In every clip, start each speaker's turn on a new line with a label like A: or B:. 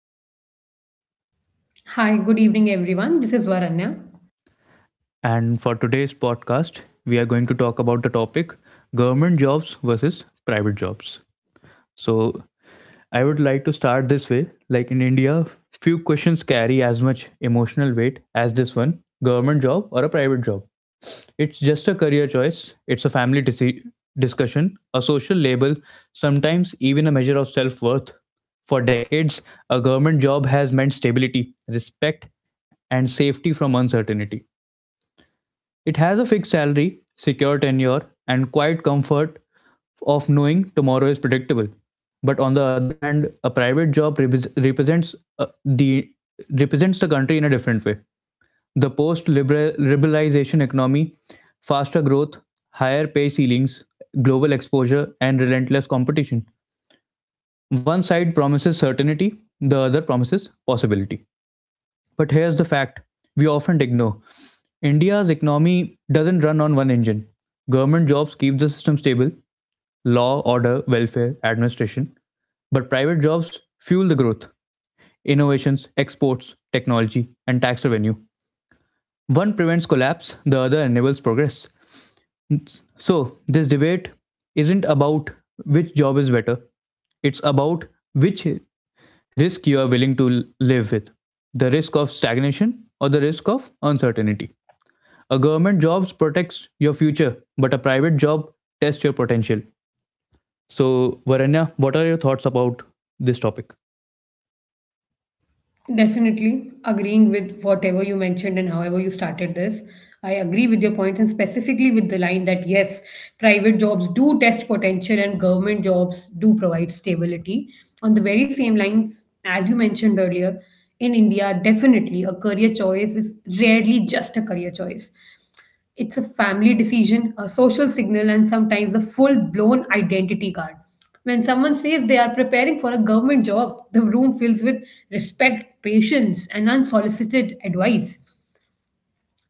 A: Siddhant,
B: Hi, good evening, everyone. This is Varanya.
A: and for today's podcast, we are going to talk about the topic government jobs versus private jobs. So, I would like to start this way. Like in India, few questions carry as much emotional weight as this one: government job or a private job. It's just a career choice, it's a discussion, a social label, sometimes even a measure of self worth. For decades, a government job has meant stability, respect, and safety from uncertainty. It has a fixed salary, secure tenure, and quiet comfort of knowing tomorrow is predictable. But on the other hand, a private job represents the represents the country in a different way. The post-liberalization economy, faster growth, higher pay ceilings, global exposure, and relentless competition. One side promises certainty, the other promises possibility. But here's the fact we often ignore: India's economy doesn't run on one engine. Government jobs keep the system stable: law, order, welfare, administration. But private jobs fuel the growth, innovations, exports, technology, and tax revenue. One prevents collapse, the other enables progress. So, this debate isn't about which job is better, it's about which risk you are willing to live with: the risk of stagnation or the risk of uncertainty. A government job protects your future, but a private job tests your potential. So, Varanya, what are your thoughts about this topic?
B: Definitely agreeing with whatever you mentioned and however you started this. I agree with your point and specifically with the line that yes, private jobs do test potential and government jobs do provide stability. On the very same lines, as you mentioned earlier, in India, definitely a career choice is rarely just a career choice. It's a family decision, a social signal, and sometimes a full blown identity card. When someone says they are preparing for a government job, the room fills with respect, patience, and unsolicited advice.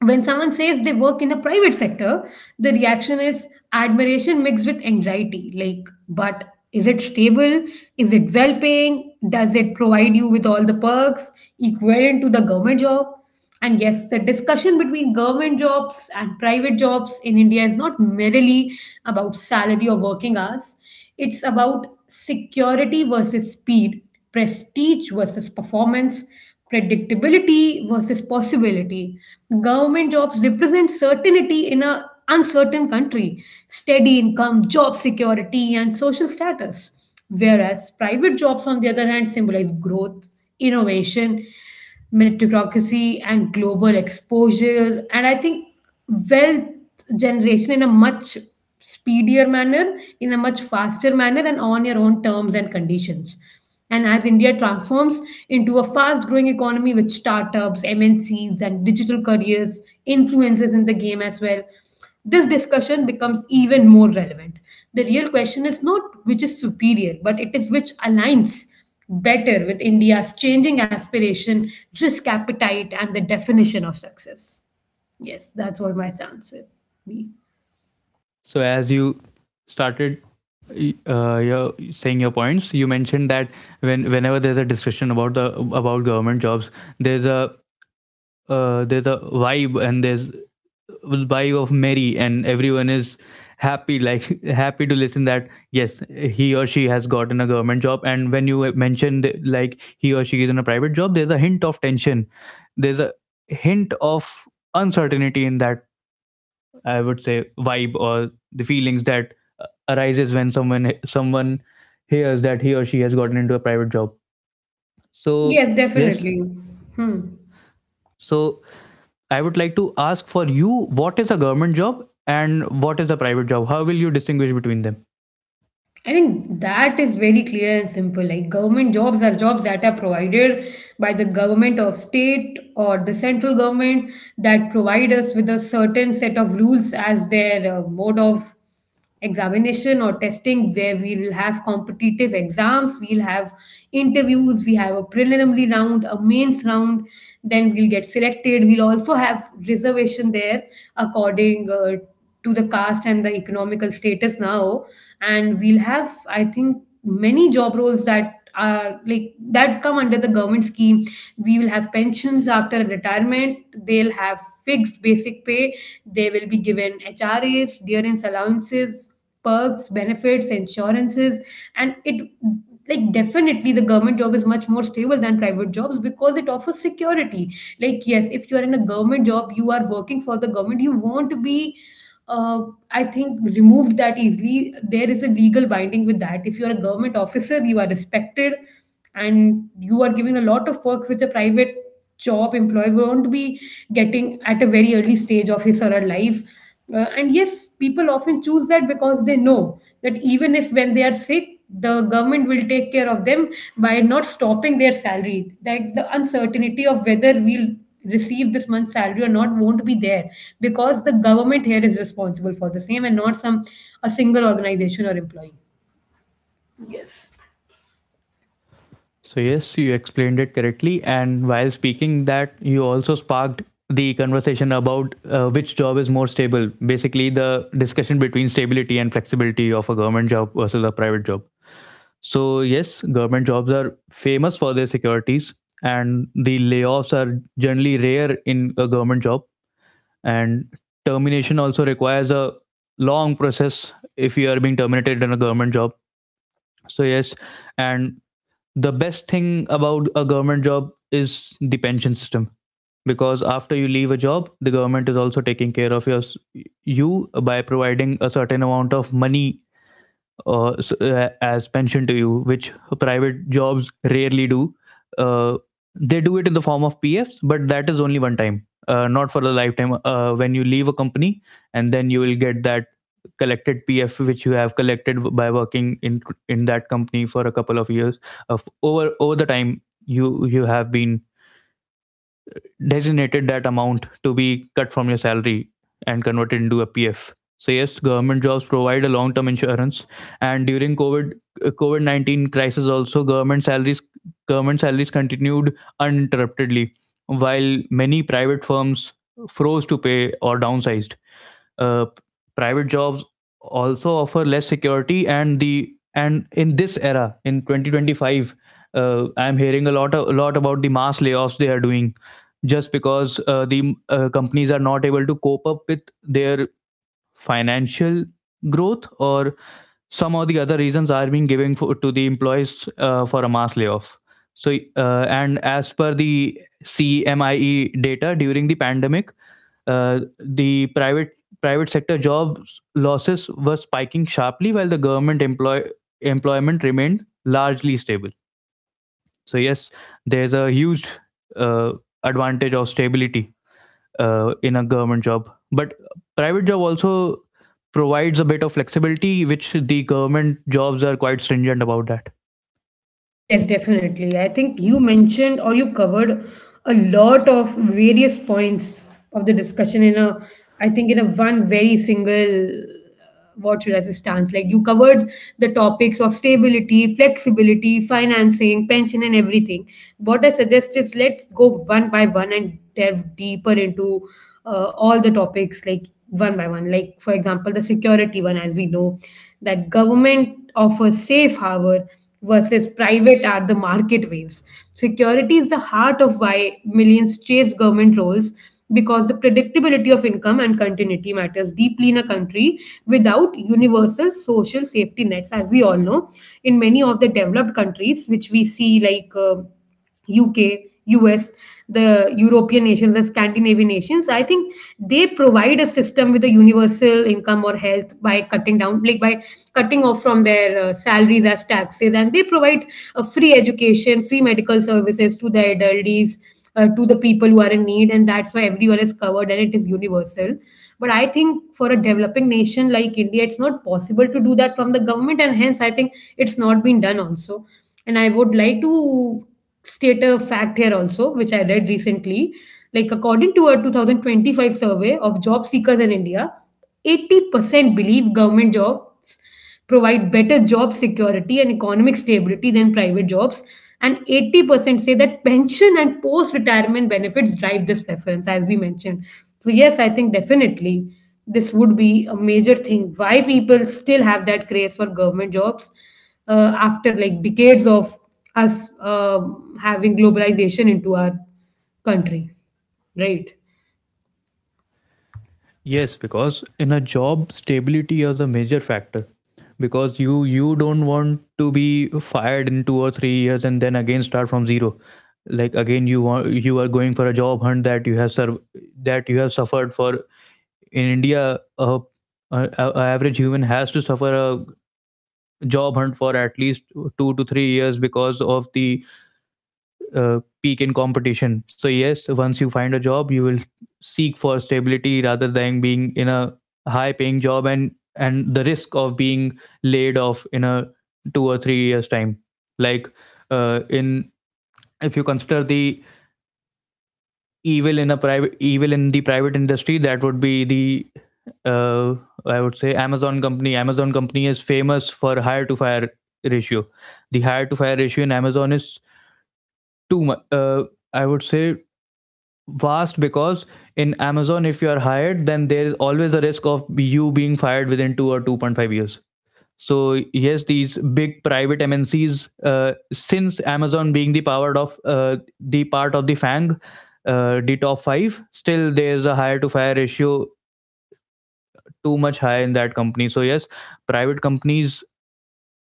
B: When someone says they work in the private sector, the reaction is admiration mixed with anxiety. Like, but is it stable? Is it well paying? Does it provide you with all the perks equivalent to the government job? And yes, the discussion between government jobs and private jobs in India is not merely about salary or working hours. It's about security versus speed, prestige versus performance, predictability versus possibility. Government jobs represent certainty in an uncertain country, steady income, job security, and social status. Whereas private jobs, on the other hand, symbolize growth, innovation, meritocracy, and global exposure. And I think wealth generation in a much speedier manner, in a much faster manner, and on your own terms and conditions. And as India transforms into a fast growing economy with startups, MNCs, and digital careers, influencers in the game as well, this discussion becomes even more relevant. The real question is not which is superior, but it is which aligns better with India's changing aspiration, risk appetite, and the definition of success. Yes, that's what my stance would be.
A: So, as you started saying your points, you mentioned that whenever there's a discussion about the about government jobs, there's a there's a vibe, and there's vibe of merry and everyone is happy. Like happy to listen that yes, he or she has gotten a government job. And when you mentioned like he or she is in a private job, there's a hint of tension, there's a hint of uncertainty in that, I would say, vibe or the feelings that arises when someone hears that he or she has gotten into a private job. So
B: Yes,
A: yes,
B: definitely. Hmm.
A: so I would like to ask for you, what is a government job and what is a private job? How will you distinguish between them?
B: I think that is very clear and simple. Like, government jobs are jobs that are provided by the government of state or the central government that provide us with a certain set of rules as their mode of examination or testing, where we will have competitive exams, we'll have interviews, we have a preliminary round, a mains round, then we'll get selected. We'll also have reservation there, according to the caste and the economical status now. And we'll have, I think, many job roles that are like that come under the government scheme. We will have pensions after retirement, they'll have fixed basic pay, they will be given HRAs, dearance allowances, perks, benefits, insurances. And it, like, definitely the government job is much more stable than private jobs because it offers security. Like, yes, if you are in a government job, you are working for the government, you won't be, uh, I think, removed that easily. There is a legal binding with that. If you are a government officer, you are respected, and you are given a lot of perks which a private job employee won't be getting at a very early stage of his or her life. And yes, people often choose that because they know that even if when they are sick, the government will take care of them by not stopping their salary. Like, the uncertainty of whether we'll receive this month's salary or not won't be there, because the government here is responsible for the same and not some a single organization or employee.
A: So, yes, you explained it correctly. And while speaking that, you also sparked the conversation about which job is more stable. Basically, the discussion between stability and flexibility of a government job versus a private job. So yes, government jobs are famous for their securities, and the layoffs are generally rare in a government job. And termination also requires a long process if you are being terminated in a government job. So yes, and the best thing about a government job is the pension system, because after you leave a job the government is also taking care of you by providing a certain amount of money, as pension to you, which private jobs rarely do. Uh, they do it in the form of PFs, but that is only one time, not for a lifetime. When you leave a company, and then you will get that collected PF which you have collected by working in that company for a couple of years, of over the time you have been designated that amount to be cut from your salary and converted into a PF. So yes, government jobs provide a long-term insurance, and during COVID 19 crisis, also government salaries continued uninterruptedly, while many private firms froze to pay or downsized. Uh, Private jobs also offer less security, and the and in this era in 2025, I'm hearing a lot a lot about the mass layoffs they are doing just because the companies are not able to cope up with their financial growth, or some of the other reasons are being given to the employees for a mass layoff. So and as per the cmie data, during the pandemic, the private private sector jobs losses were spiking sharply, while the government employ employment remained largely stable. So yes, there's a huge uh, advantage of stability in a government job, but private job also provides a bit of flexibility, which the government jobs are quite stringent about that.
B: Yes, definitely. I think you mentioned or you covered a lot of various points of the discussion in a, I think, in a one very single, what should I say, stance. Like, you covered the topics of stability, flexibility, financing, pension, and everything. What I suggest is let's go one by one and delve deeper into all the topics, like one by one. Like, for example, the security one, as we know, that government offers safe harbor versus private are the market waves. Security is the heart of why millions chase government roles, because the predictability of income and continuity matters deeply in a country without universal social safety nets, as we all know, in many of the developed countries which we see, like UK, US, the European nations, the Scandinavian nations. I think they provide a system with a universal income or health by cutting down, like by cutting off from their salaries as taxes, and they provide a free education, free medical services to the elderlies, to the people who are in need, and that's why everyone is covered and it is universal. But I think for a developing nation like India, it's not possible to do that from the government, and hence I think it's not been done also. And I would like to state a fact here also, which I read recently. Like, according to a 2025 survey of job seekers in India, 80% believe government jobs provide better job security and economic stability than private jobs. And 80% say that pension and post retirement benefits drive this preference, as we mentioned. So, yes, I think definitely this would be a major thing why people still have that craze for government jobs after, like, decades of us having globalization into our country, right?
A: Yes, because in a job, stability is a major factor. Because you don't want to be fired in 2 or 3 years and then again start from zero. Like again, you want, you are going for a job hunt that you have served, that you have suffered for. In India, a average human has to suffer a job hunt for at least 2 to 3 years because of the peak in competition. So yes, once you find a job, you will seek for stability rather than being in a high paying job and the risk of being laid off in a 2 or 3 years time. Like in if you consider the evil in the private industry, that would be the uh, I would say amazon company. Amazon company is famous for hire to fire ratio. The hire to fire ratio in amazon is too much, I would say, vast, because in amazon if you are hired then there is always a risk of you being fired within 2 or 2.5 years. So yes, these big private mncs, since amazon being the powered of the part of the fang, the top 5, still there's a hire to fire ratio too much high in that company. So yes, private companies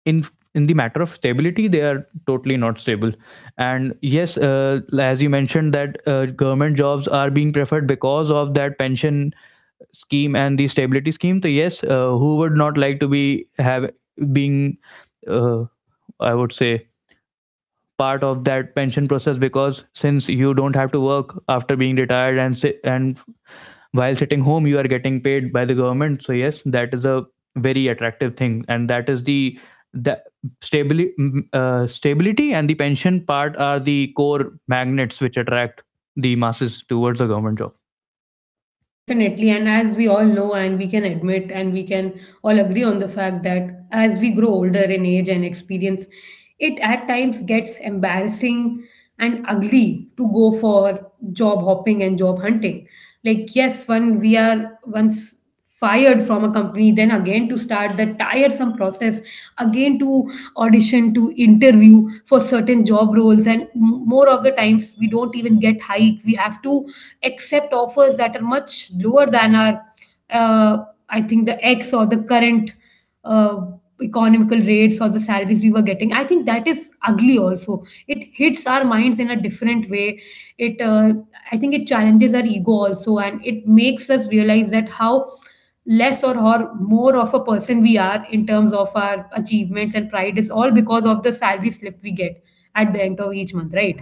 A: in in the matter of stability, they are totally not stable. And yes, as you mentioned that government jobs are being preferred because of that pension scheme and the stability scheme. So yes, who would not like to be have being uh, I would say part of that pension process? Because since you don't have to work after being retired and say, and while sitting home you are getting paid by the government. So yes, that is a very attractive thing, and that is the the stability stability and the pension part are the core magnets which attract the masses towards the government job.
B: Definitely. And as we all know, and we can admit, and we can all agree on the fact that as we grow older in age and experience, it at times gets embarrassing and ugly to go for job hopping and job hunting. Like, yes, one we are once fired from a company, then again to start that tiresome process again, to audition, to interview for certain job roles, and more of the times we don't even get hike. We have to accept offers that are much lower than our, uh, I think, the ex or the current uh, economical rates or the salaries we were getting. I think that is ugly also. It hits our minds in a different way. It I think it challenges our ego also, and it makes us realize that how less or more of a person we are in terms of our achievements, and pride is all because of the salary slip we get at the end of each month, right?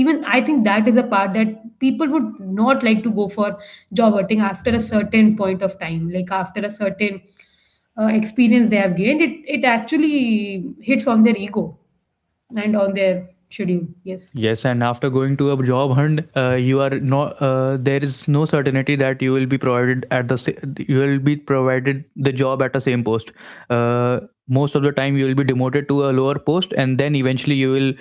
B: Even I think that is a part that people would not like to go for job hunting after a certain point of time, like after a certain experience they have gained, it actually hits on their ego and on their schedule. Yes.
A: Yes, and after going to a job hunt, you are there is no certainty that you will be provided at the you will be provided the job at the same post. Uh, Most of the time, you will be demoted to a lower post, and then eventually you will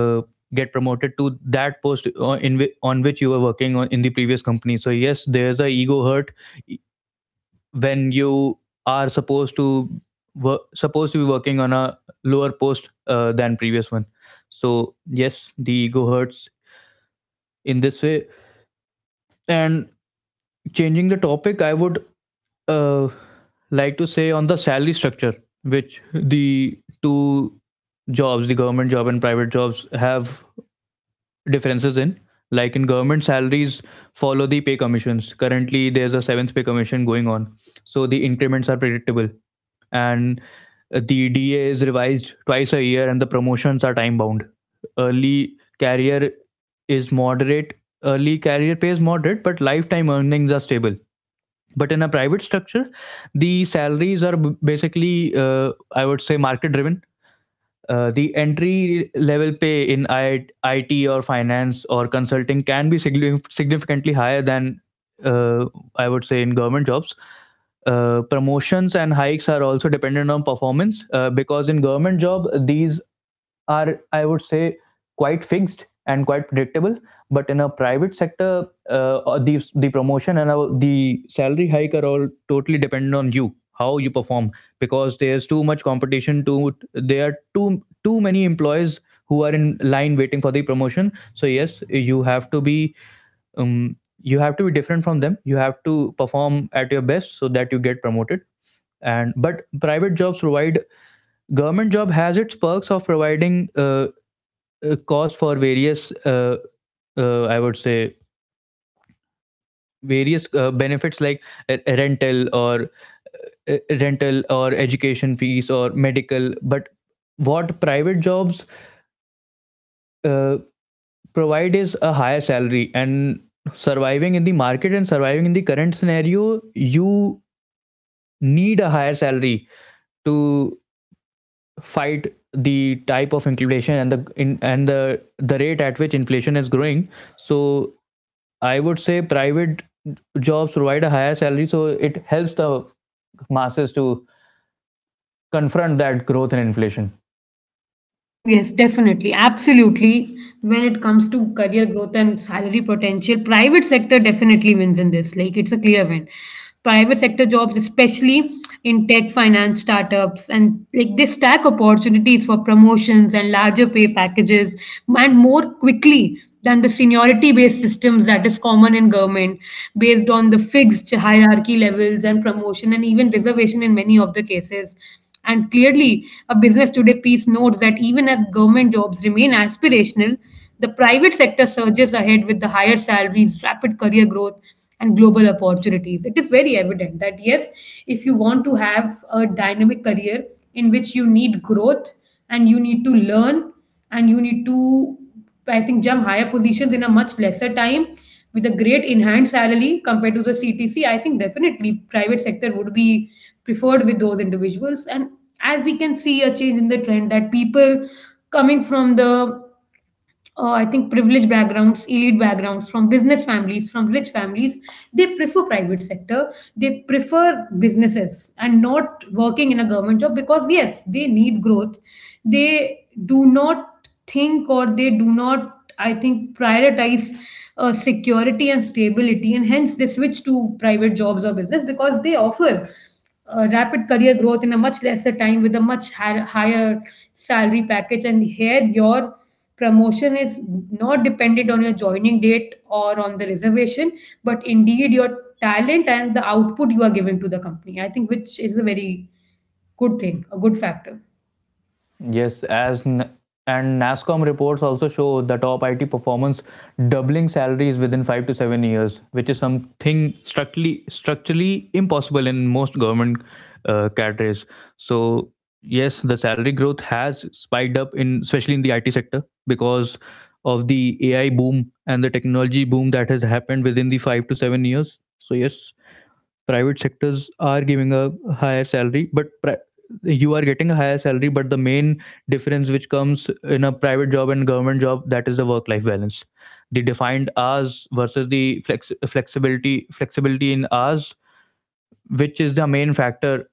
A: uh, get promoted to that post on which you were working on in the previous company. So yes, there's a ego hurt e, when you are supposed to work, supposed to be working on a lower post than previous one. So yes, the ego hurts in this way. And changing the topic, I would uh, like to say on the salary structure, which the two jobs, the government job and private jobs, have differences in. Like in government, salaries follow the pay commissions. Currently there's a seventh pay commission going on, so the increments are predictable. And the da is revised twice a year and the promotions are time bound. early career is moderate Early career pay is moderate, but lifetime earnings are stable. But in a private structure, the salaries are basically, I would say market driven. The entry level pay in IT or finance or consulting can be significantly higher than, uh, I would say in government jobs. Promotions and hikes are also dependent on performance, because in government job these are, I would say, quite fixed and quite predictable. But in a private sector, or the promotion and the salary hike are all totally dependent on you, how you perform. Because there's too much competition too, there are too many employees who are in line waiting for the promotion. So yes, you have to be, you have to be different from them, you have to perform at your best so that you get promoted. And but private jobs provide Government job has its perks of providing a cause for various, I would say various benefits like uh, rental or rental or education fees or medical. But what private jobs uh, provide is a higher salary. And surviving in the market and surviving in the current scenario, you need a higher salary to fight the type of inflation and the the rate at which inflation is growing. So I would say private jobs provide a higher salary, so it helps the masses to confront that growth and inflation.
B: Mm, yes, definitely. Absolutely. When it comes to career growth and salary potential, private sector definitely wins in this. Like, it's a clear win. Private sector jobs, especially in tech, finance, startups, and like, they stack opportunities for promotions and larger pay packages and more quickly than the seniority based systems that is common in government, based on the fixed hierarchy levels and promotion and even reservation in many of the cases. And clearly, a Business Today piece notes that even as government jobs remain aspirational, the private sector surges ahead with the higher salaries, rapid career growth, and global opportunities. It is very evident that yes, if you want to have a dynamic career in which you need growth, and you need to learn, and you need to, I think, jump higher positions in a much lesser time with a great enhanced salary compared to the CTC, I think definitely private sector would be preferred with those individuals. And as we can see a change in the trend, that people coming from the I think privileged backgrounds, elite backgrounds, from business families, from rich families, they prefer private sector. They prefer businesses and not working in a government job because yes, they need growth. They do not think, or they do not, I think, prioritize security and stability, and hence they switch to private jobs or business because they offer rapid career growth in a much lesser time with a much higher salary package. And here, your promotion is not dependent on your joining date or on the reservation, but indeed your talent and the output you are giving to the company, I think, which is a very good thing, a good factor.
A: Yes, and NASCOM reports also show the top IT performance doubling salaries within 5 to 7 years, which is something structurally impossible in most government cadres. So yes, the salary growth has spiked up in especially in the IT sector because of the AI boom and the technology boom that has happened within the 5 to 7 years. So yes, private sectors are giving a higher salary but you are getting a higher salary, but the main difference which comes in a private job and government job, that is the work life balance, the defined hours versus the flexibility in hours, which is the main factor,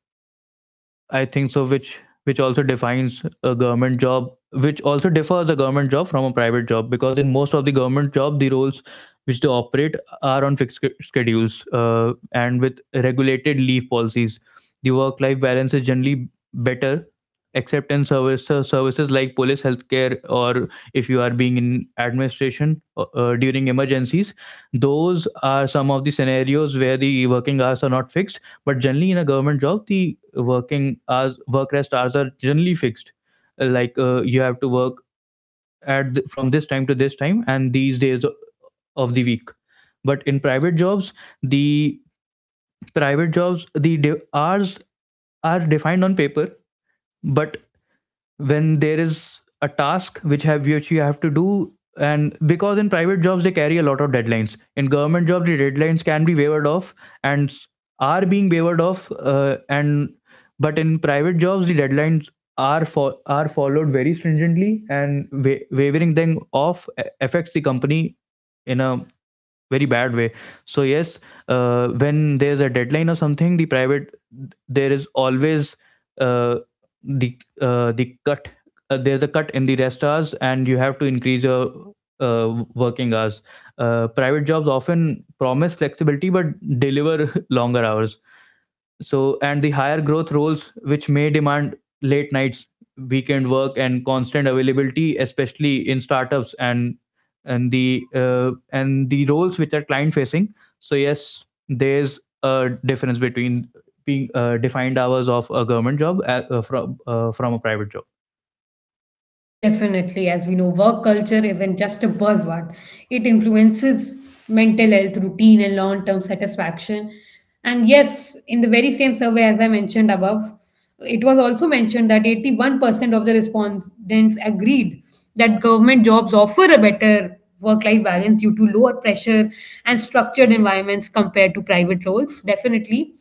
A: I think so, which also defines a government job, which also differs a government job from a private job, because in most of the government job, the roles which they operate are on fixed schedules and with regulated leave policies. The work-life balance is generally better, except in service services like police, healthcare, or if you are being in administration during emergencies. Those are some of the scenarios where the working hours are not fixed, but generally, in a government job, the working hours, work rest hours are generally fixed. Like you have to work from this time to this time and these days of the week. But in private jobs, the the hours are defined on paper, but when there is a task which have which you have to do, and because in private jobs they carry a lot of deadlines, in government jobs the deadlines can be wavered off and s- are being wavered off, and but in private jobs the deadlines are followed very stringently, and wavering them off affects the company in a very bad way. So yes, when there's a deadline or something, the private there is always uh, the uh, the cut there's a cut in the rest hours and you have to increase your working hours. Private jobs often promise flexibility but deliver longer hours, so and the higher growth roles which may demand late nights, weekend work, and constant availability, especially in startups and and the roles which are client facing. So yes, there's a difference between being defined hours of a government job from a private job.
B: Yes, definitely. As we know, work culture isn't just a buzzword. It influences mental health, routine, and long term satisfaction. And yes, in the very same survey as I mentioned above, it was also mentioned that 81% of the respondents agreed that government jobs offer a better work life balance due to lower pressure and structured environments compared to private roles. Definitely.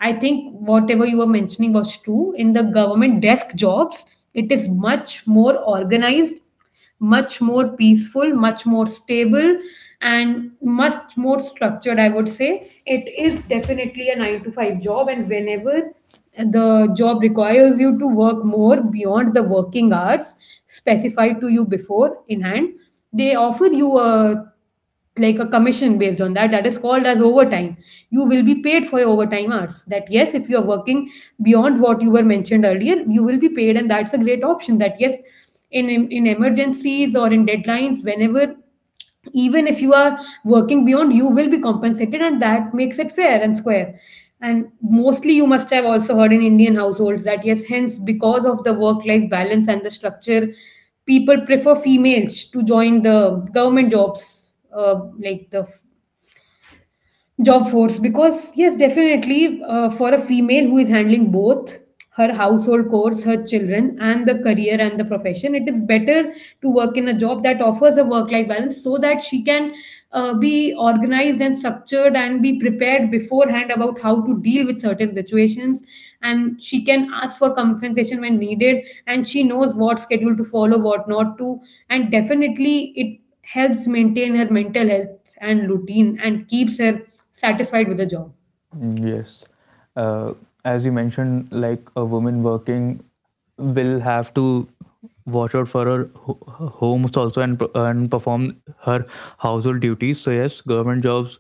B: I think whatever you were mentioning was true. In the government desk jobs, it is much more organized, much more peaceful, much more stable, and much more structured, I would say. It is definitely a nine to five job, and whenever the job requires you to work more beyond the working hours specified to you before in hand, they offer you a commission based on that is called as overtime. You will be paid for your overtime hours. That yes, if you are working beyond what you were mentioned earlier, you will be paid, and that's a great option. That yes, in emergencies or in deadlines, whenever even if you are working beyond, you will be compensated, and that makes it fair and square. And mostly you must have also heard in Indian households that yes, hence because of the work life balance and the structure, people prefer females to join the government jobs, like the job force, because yes, definitely, for a female who is handling both her household chores, her children, and the career and the profession, it is better to work in a job that offers a work life balance so that she can be organized and structured and be prepared beforehand about how to deal with certain situations, and she can ask for compensation when needed, and she knows what schedule to follow, what not to. And definitely it helps maintain her mental health and routine and keeps her satisfied with the job.
A: Yes. Uh, as you mentioned, like a woman working will have to watch out for her homes also and and perform her household duties. So yes, government jobs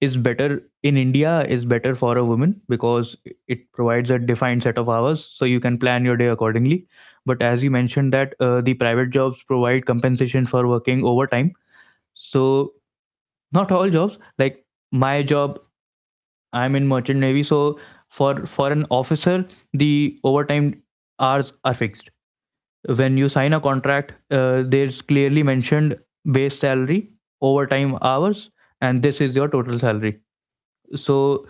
A: is better in India, is better for a woman because it provides a defined set of hours, so you can plan your day accordingly. But as you mentioned that the private jobs provide compensation for working overtime, so not all jobs like my job, I'm in merchant navy, so for an officer, the overtime hours are fixed. When you sign a contract, there's clearly mentioned base salary, overtime hours, and this is your total salary. So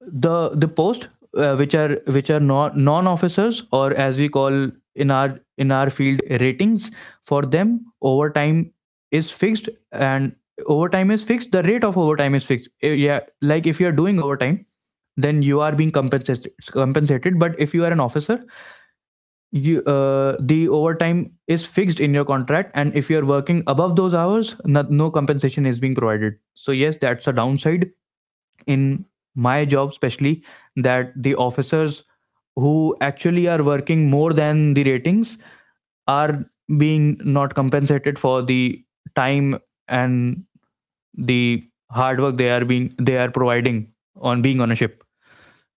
A: the post which are non officers, or as we call in our field, ratings, for them overtime is fixed, and overtime is fixed, the rate of overtime is fixed. Yeah, like if you are doing overtime then you are being compensated, but if you are an officer, you the overtime is fixed in your contract, and if you are working above those hours, no, no compensation is being provided. So yes, that's a downside in my job especially, that the officers who actually are working more than the ratings are being not compensated for the time and the hard work they are being they are providing on being on a ship.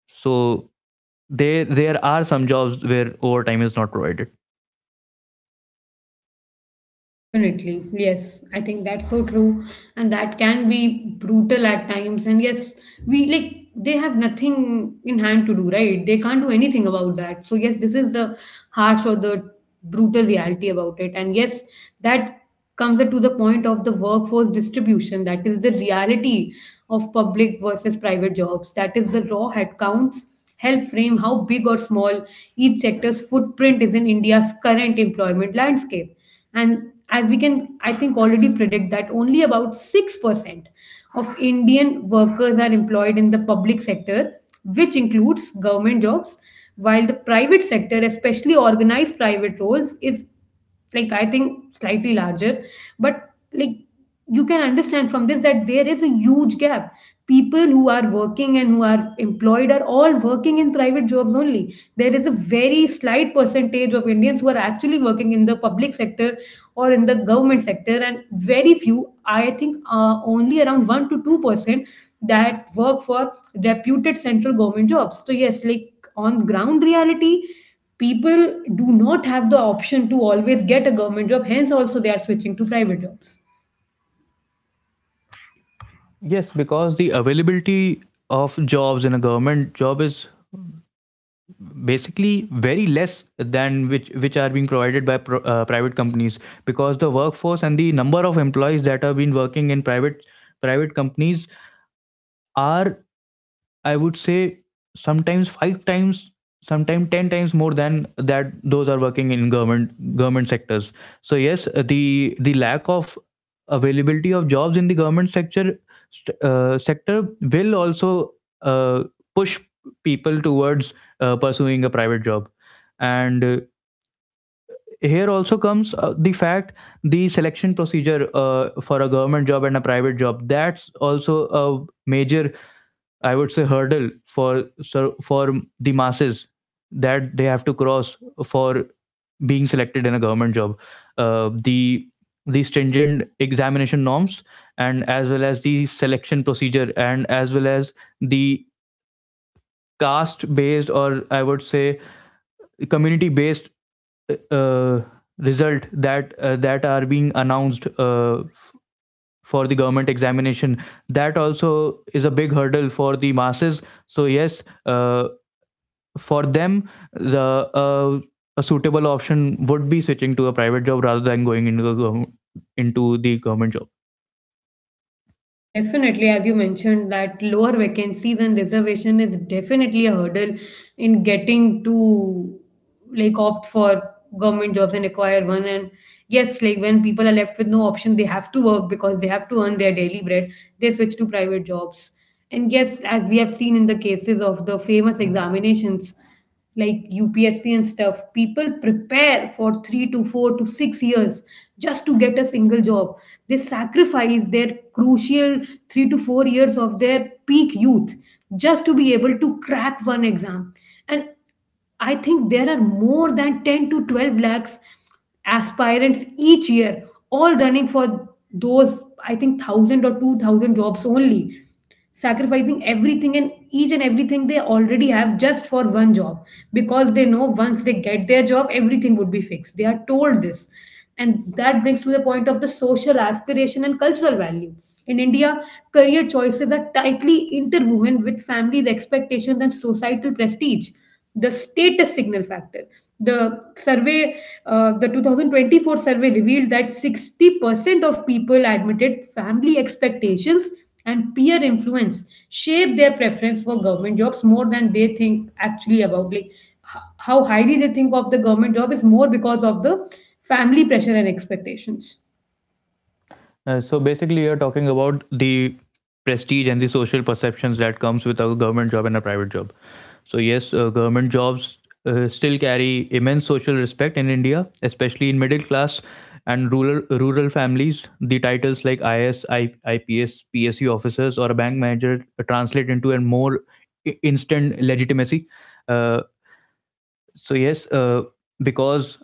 A: So they, there are some jobs where overtime is not provided.
B: Definitely. Yes. I think that's so true. And that can be brutal at times. And yes, we like they have nothing in hand to do, right? They can't do anything about that. So yes, this is the harsh or the brutal reality about it. And yes, that comes to the point of the workforce distribution, that is the reality of public versus private jobs. That is the raw headcounts help frame how big or small each sector's footprint is in India's current employment landscape. And as we can, I think, already predict, that only about 6% of Indian workers are employed in the public sector, which includes government jobs, while the private sector, especially organized private roles, is, like I think, slightly larger. But like, you can understand from this that there is a huge gap. People who are working and who are employed are all working in private jobs only. There is a very slight percentage of Indians who are actually working in the public sector or in the government sector, and very few, I think, only around 1 to 2% that work for reputed central government jobs. So yes, like on ground reality, people do not have the option to always get a government job, hence also they are switching to private jobs.
A: Yes, because the availability of jobs in a government job is basically very less than which are being provided by private companies, because the workforce and the number of employees that have been working in private companies are, I would say, sometimes 5 times, sometimes 10 times more than that. Those are working in government sectors. So yes, the lack of availability of jobs in the government sector, sector, will also uh, push people towards pursuing a private job. And here also comes the fact, the selection procedure for a government job and a private job, that's also a major, I would say, hurdle for, so for the masses, that they have to cross for being selected in a government job. Uh, the the stringent examination norms, and as well as the selection procedure, and as well as the caste based, or I would say community based, uh, result that that are being announced for the government examination, that also is a big hurdle for the masses. So yes, for them, the uh, a suitable option would be switching to a private job rather than going into the government job.
B: Yes, definitely, as you mentioned that lower vacancies and reservation is definitely a hurdle in getting to, like, opt for government jobs and acquire one. And yes, like when people are left with no option, they have to work because they have to earn their daily bread, they switch to private jobs. And yes, as we have seen in the cases of the famous examinations like UPSC and stuff, people prepare for 3 to 4 to 6 years just to get a single job. They sacrifice their crucial 3 to 4 years of their peak youth just to be able to crack one exam. And I think there are more than 10 to 12 lakhs aspirants each year, all running for those, I think, 1,000 or 2,000 jobs only, sacrificing everything and each and everything they already have just for one job, because they know once they get their job, everything would be fixed. They are told this. And that brings me the point of the social aspiration and cultural value. In India, career choices are tightly interwoven with families' expectations and societal prestige, the status signal factor. The survey, the 2024 survey revealed that 60% of people admitted family expectations and peer influence shape their preference for government jobs more than they think actually about. Like how highly they think of the government job is more because of the family pressure and expectations.
A: So basically, you're talking about the prestige and the social perceptions that comes with a government job and a private job. So yes, government jobs still carry immense social respect in India, especially in middle class and rural families. The titles like IS, IPS, PSU officers, or a bank manager translate into a more instant legitimacy. Uh, so yes, because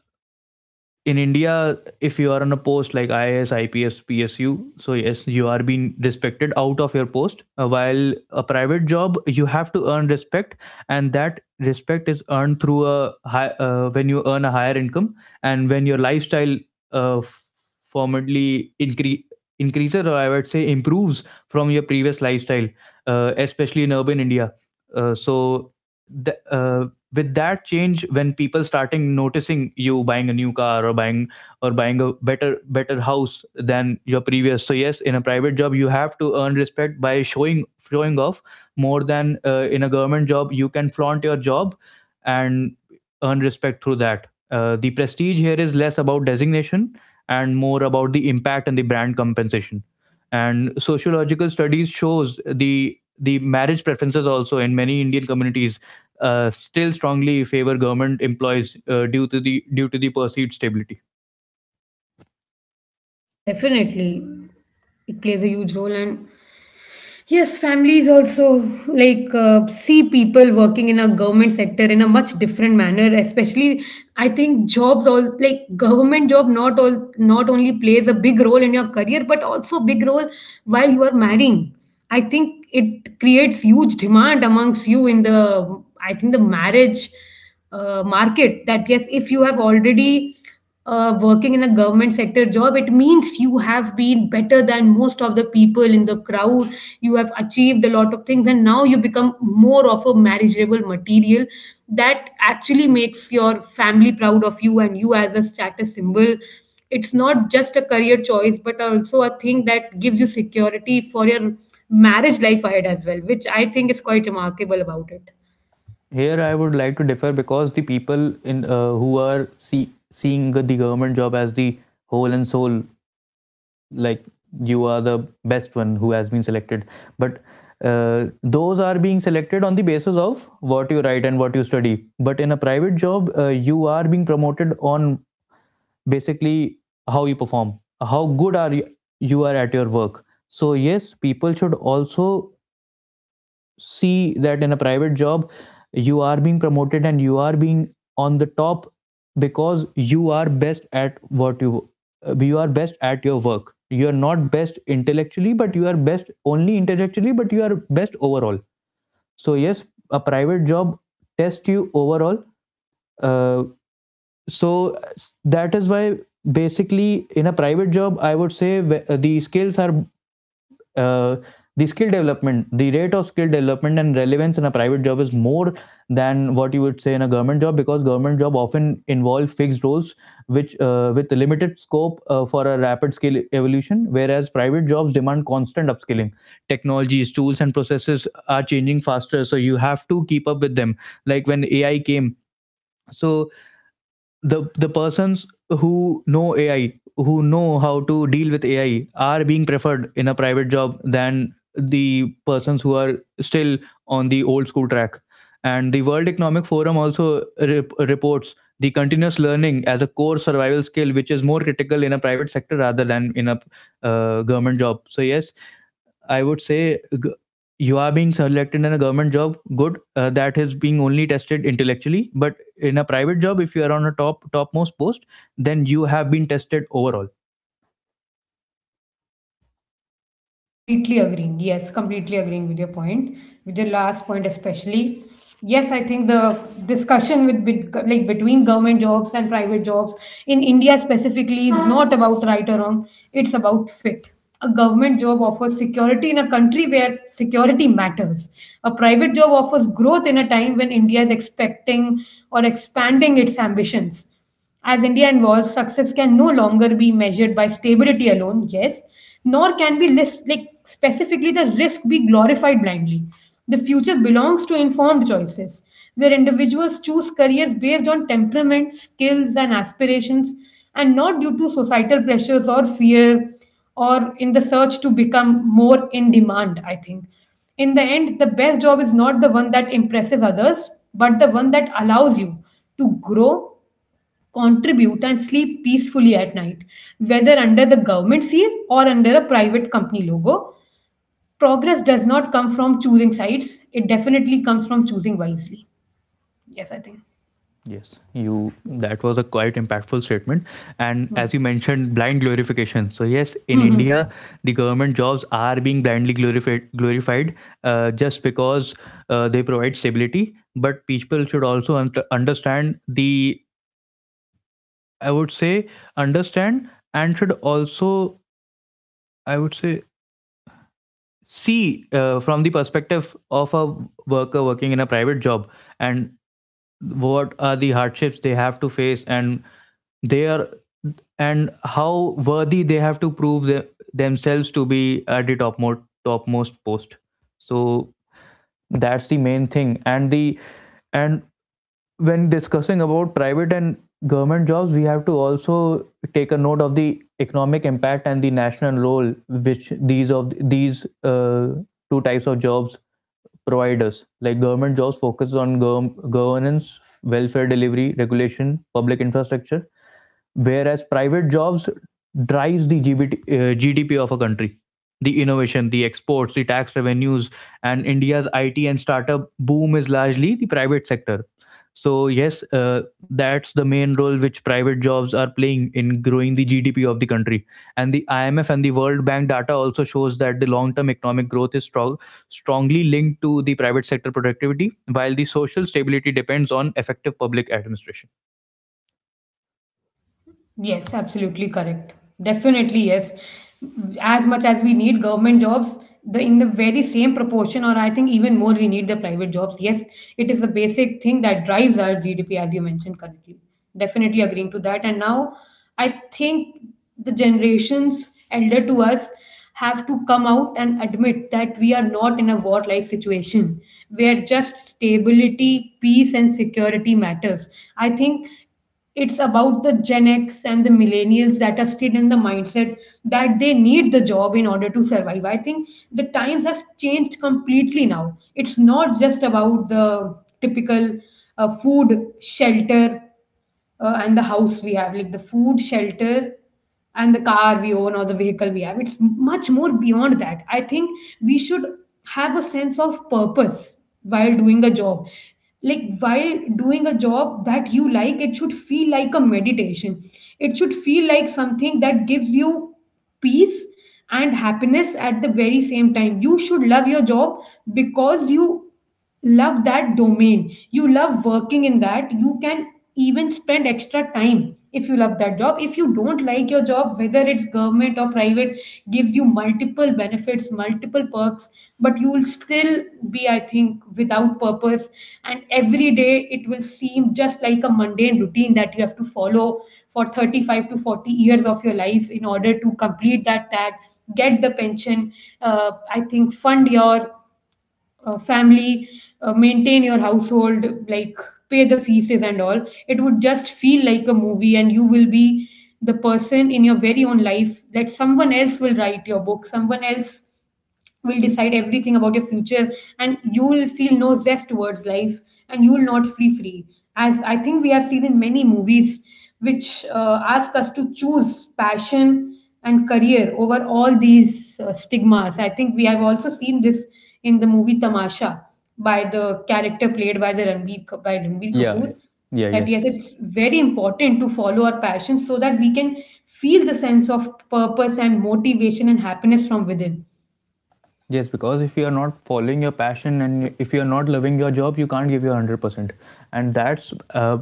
A: in India, if you are on a post like IAS, IPS, PSU, so yes, you are being respected out of your post. While a private job, you have to earn respect, and that respect is earned through a high when you earn a higher income, and when your lifestyle uh, f- formally increases, or I would say improves, from your previous lifestyle, especially in urban India. Uh, so the, uh, with that change, when people starting noticing you buying a new car, or buying a better house than your previous. So yes, in a private job you have to earn respect by showing off, more than in a government job you can flaunt your job and earn respect through that. Uh, the prestige here is less about designation and more about the impact and the brand compensation. And sociological studies shows the marriage preferences also in many indian communities still strongly favor government employees due to the perceived stability.
B: Yes, definitely. It plays a huge role, and yes, families also like see people working in a government sector in a much different manner. Especially, I think jobs all like government job, not all, not only plays a big role in your career, but also big role while you are marrying. I think it creates huge demand amongst you in the, I think, the marriage market. That yes, if you have already working in a government sector job, it means you have been better than most of the people in the crowd. You have achieved a lot of things, and now you become more of a marriageable material that actually makes your family proud of you and you as a status symbol. It's not just a career choice, but also a thing that gives you security for your marriage life ahead as well, which I think is quite remarkable about it.
A: Here, I would like to differ, because the people in who are seeing the government job as the whole and soul, like you are the best one who has been selected, but those are being selected on the basis of what you write and what you study. But in a private job, you are being promoted on, basically, how you perform, how good are you, you are at your work. So yes, people should also see that in a private job you are being promoted and you are being on the top because you are best at what you are best at your work. You are not best intellectually, but you are best only intellectually, but you are best overall. So yes, a private job tests you overall. uh, so that is why, basically, in a private job, I would say, uh, the skills are uh, the skill development, the rate of skill development and relevance in a private job is more than what you would say in a government job, because government job often involve fixed roles which with limited scope for a rapid skill evolution, whereas private jobs demand constant upskilling. Technologies, tools, and processes are changing faster, so you have to keep up with them, like when AI came. So the persons who know AI, who know how to deal with AI, are being preferred in a private job than the persons who are still on the old school track. And the World Economic Forum also reports the continuous learning as a core survival skill, which is more critical in a private sector rather than in a government job. So yes, I would say, you are being selected in a government job, good. That is being only tested intellectually. But in a private job, if you are on a topmost post, then you have been tested overall.
B: Completely agreeing. Yes, completely agreeing with your point, with your last point especially. Yes, I think the discussion with like between government jobs and private jobs in India specifically is not about right or wrong. It's about fit. A government job offers security in a country where security matters. A private job offers growth in a time when India is expecting or expanding its ambitions. As India evolves, success can no longer be measured by stability alone, yes, nor can be list, like specifically the risk be glorified blindly. The future belongs to informed choices, where individuals choose careers based on temperament, skills, and aspirations, and not due to societal pressures or fear or in the search to become more in demand, I think. In the end, the best job is not the one that impresses others, but the one that allows you to grow, contribute, and sleep peacefully at night, whether under the government seal or under a private company logo. Progress does not come from choosing sides, it definitely comes from choosing wisely. Yes, I think.
A: Yes, you. That was a quite impactful statement. And as you mentioned, blind glorification. So yes, in India, the government jobs are being blindly glorified, just because they provide stability. But people should also understand the, I would say, understand, and should also, I would say, see from the perspective of a worker working in a private job, and what are the hardships they have to face, and they are and how worthy they have to prove the, themselves to be at the topmost post. So that's the main thing and when discussing about private and government jobs, we have to also take a note of the economic impact and the national role which these of these two types of jobs provide us. Like, government jobs focus on go governance, welfare delivery, regulation, public infrastructure, whereas private jobs drives the gdp of a country, the innovation, the exports, the tax revenues, and India's IT and startup boom is largely the private sector. So, yes, that's the main role which private jobs are playing in growing the GDP of the country. And the IMF and the World Bank data also shows that the long term economic growth is strongly linked to the private sector productivity, while the social stability depends on effective public administration.
B: Yes, absolutely correct. Definitely, yes. As much as we need government jobs, the in the very same proportion, or I think even more, we need the private jobs. Yes, it is a basic thing that drives our GDP, as you mentioned correctly. Definitely agreeing to that. And now, I think the generations elder to us have to come out and admit that we are not in a war-like situation where just stability, peace, and security matters. I think it's about the Gen X and the millennials that are still in the mindset that they need the job in order to survive. I think the times have changed completely now. It's not just about the typical food, shelter, and the house we have, like the food, shelter, and the car we own or the vehicle we have. It's much more beyond that. I think we should have a sense of purpose while doing a job. Like while doing a job that you like, it should feel like a meditation. It should feel like something that gives you peace and happiness at the very same time. You should love your job because you love that domain, you love working in that, you can even spend extra time if you love that job. If you don't like your job, whether it's government or private, gives you multiple benefits, multiple perks, but you will still be, I think, without purpose, and every day it will seem just like a mundane routine that you have to follow for 35 to 40 years of your life in order to complete that tag, get the pension, I think fund your family, maintain your household, like pay the fees and all. It would just feel like a movie, and you will be the person in your very own life that someone else will write your book, someone else will decide everything about your future, and you will feel no zest towards life, and you will not free. As I think we have seen in many movies, which ask us to choose passion and career over all these stigmas. I think we have also seen this in the movie Tamasha by the character played by the by Ranbir
A: Yeah,
B: Kapoor.
A: yeah,
B: That
A: yes,
B: yes,
A: yes.
B: it's very important to follow our passions so that we can feel the sense of purpose and motivation and happiness from within.
A: Yes, because if you are not following your passion and if you are not loving your job, you can't give your 100%. And that's uh,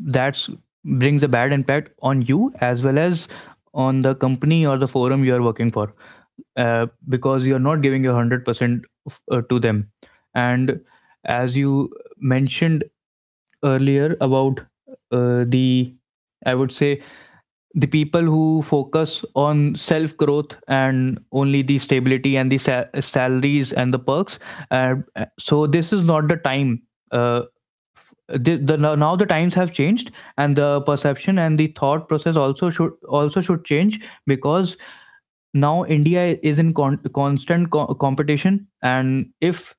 A: that brings a bad impact on you as well as on the company or the forum you are working for, because you're not giving your 100% to them. And as you mentioned earlier about the, I would say, the people who focus on self growth and only the stability and the salaries and the perks. uh, so this is not the time. uh, the now now the times have changed, and the perception and the thought process also should, also should change. Because now India is in constant competition, and if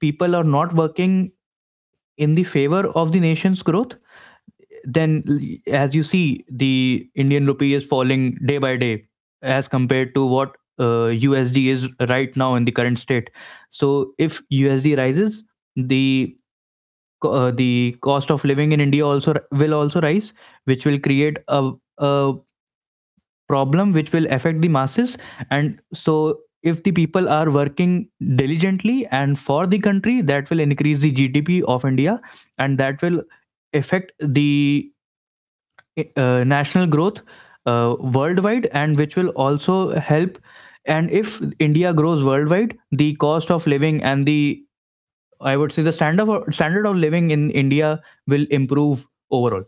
A: people are not working in the favor of the nation's growth, then as you see, the Indian rupee is falling day by day as compared to what usd is right now in the current state. So if usd rises, the the cost of living in India also will also rise, which will create a problem which will affect the masses. And so if the people are working diligently and for the country, that will increase the gdp of India, and that will affect the national growth worldwide, and which will also help. And if India grows worldwide, the cost of living and the, I would say, the standard of living in India will improve overall.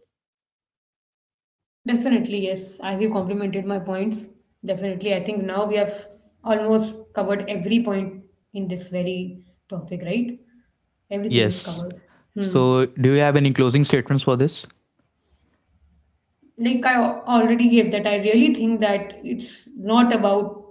B: Definitely, yes. As you complimented my points, definitely. I think now we have almost covered every point in this very topic, right? Everything is
A: Yes,
B: covered. Hmm.
A: so do you have any closing statements for this?
B: Like I already gave that, I really think that it's not about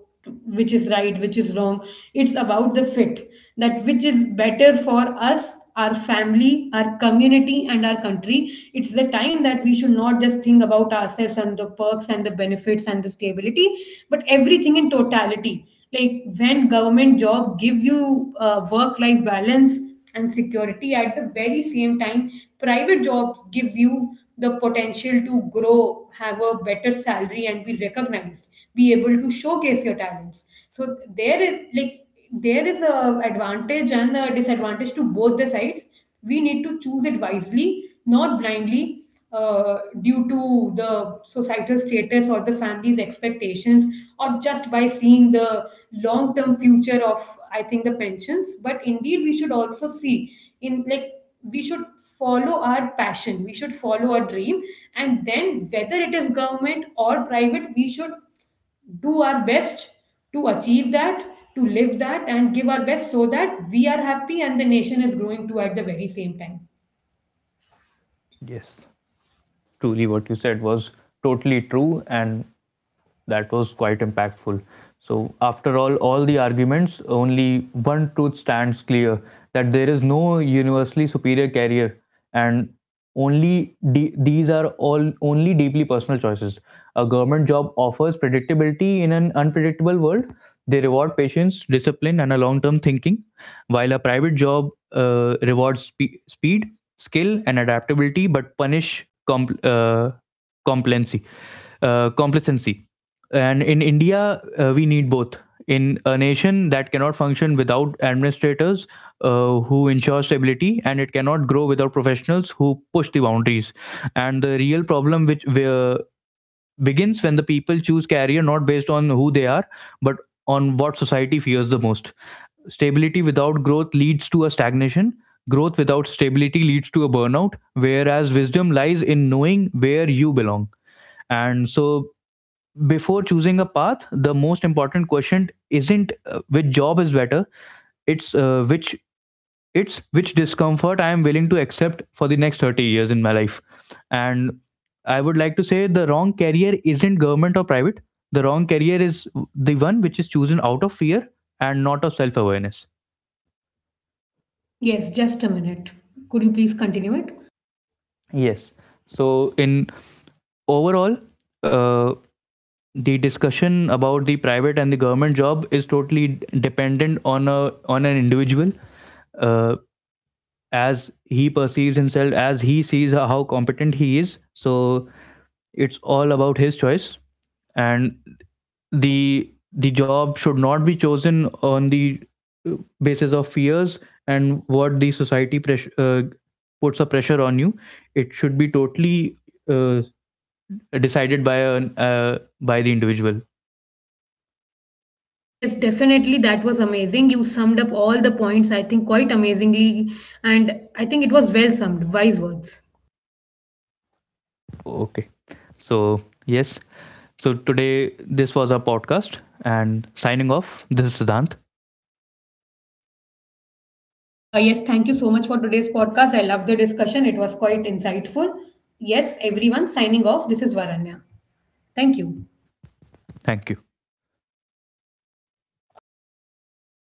B: which is right, which is wrong. It's about the fit, that which is better for us, our family, our community, and our country. It's the time that we should not just think about ourselves and the perks and the benefits and the stability, but everything in totality. Like when government job gives you work life balance and security at the very same time, private jobs gives you the potential to grow, have a better salary, and be recognized, be able to showcase your talents. So there is like there is a advantage and a disadvantage to both the sides. We need to choose it wisely, not blindly, due to the societal status or the family's expectations, or just by seeing the long term future of, I think, the pensions. But indeed we should also see in like, we should follow our passion, we should follow our dream, and then whether it is government or private, we should do our best to achieve that, to live that, and give our best so that we are happy and the nation is growing too at the very same time.
A: Yes, truly what you said was totally true, and that was quite impactful. So, after all the arguments, only one truth stands clear, that there is no universally superior carrier, and only these are all only deeply personal choices. A government job offers predictability in an unpredictable world. They reward patience, discipline, and a long-term thinking, while a private job rewards speed, skill, and adaptability, but punish complacency. Complacency. And in India, we need both. In a nation that cannot function without administrators who ensure stability, and it cannot grow without professionals who push the boundaries. And the real problem, which where begins when the people choose career not based on who they are, but on what society fears the most. Stability without growth leads to a stagnation. Growth without stability leads to a burnout, whereas wisdom lies in knowing where you belong. And so before choosing a path, the most important question isn't, which job is better. It's uh, which it's which discomfort I am willing to accept for the next 30 years in my life. And I would like to say the wrong career isn't government or private. The wrong career is the one which is chosen out of fear and not of self awareness.
B: Yes, just a minute. Could you please continue it?
A: Yes. So in overall, uh, the discussion about the private and the government job is totally dependent on a on an individual, uh, as he perceives himself, as he sees how competent he is. So it's all about his choice, and the job should not be chosen on the uh, basis of fears and what the society press puts a pressure on you. It should be totally uh, decided by an by the individual.
B: Yes, definitely. That was amazing. You summed up all the points, I think, quite amazingly. And I think it was well summed. Wise words.
A: Okay, so yes. So today this was our podcast and signing off. This is Siddhant.
B: Yes, thank you so much for today's podcast. I love the discussion. It was quite insightful. Yes, everyone signing off. This is Varanya. Thank you.
A: Thank you.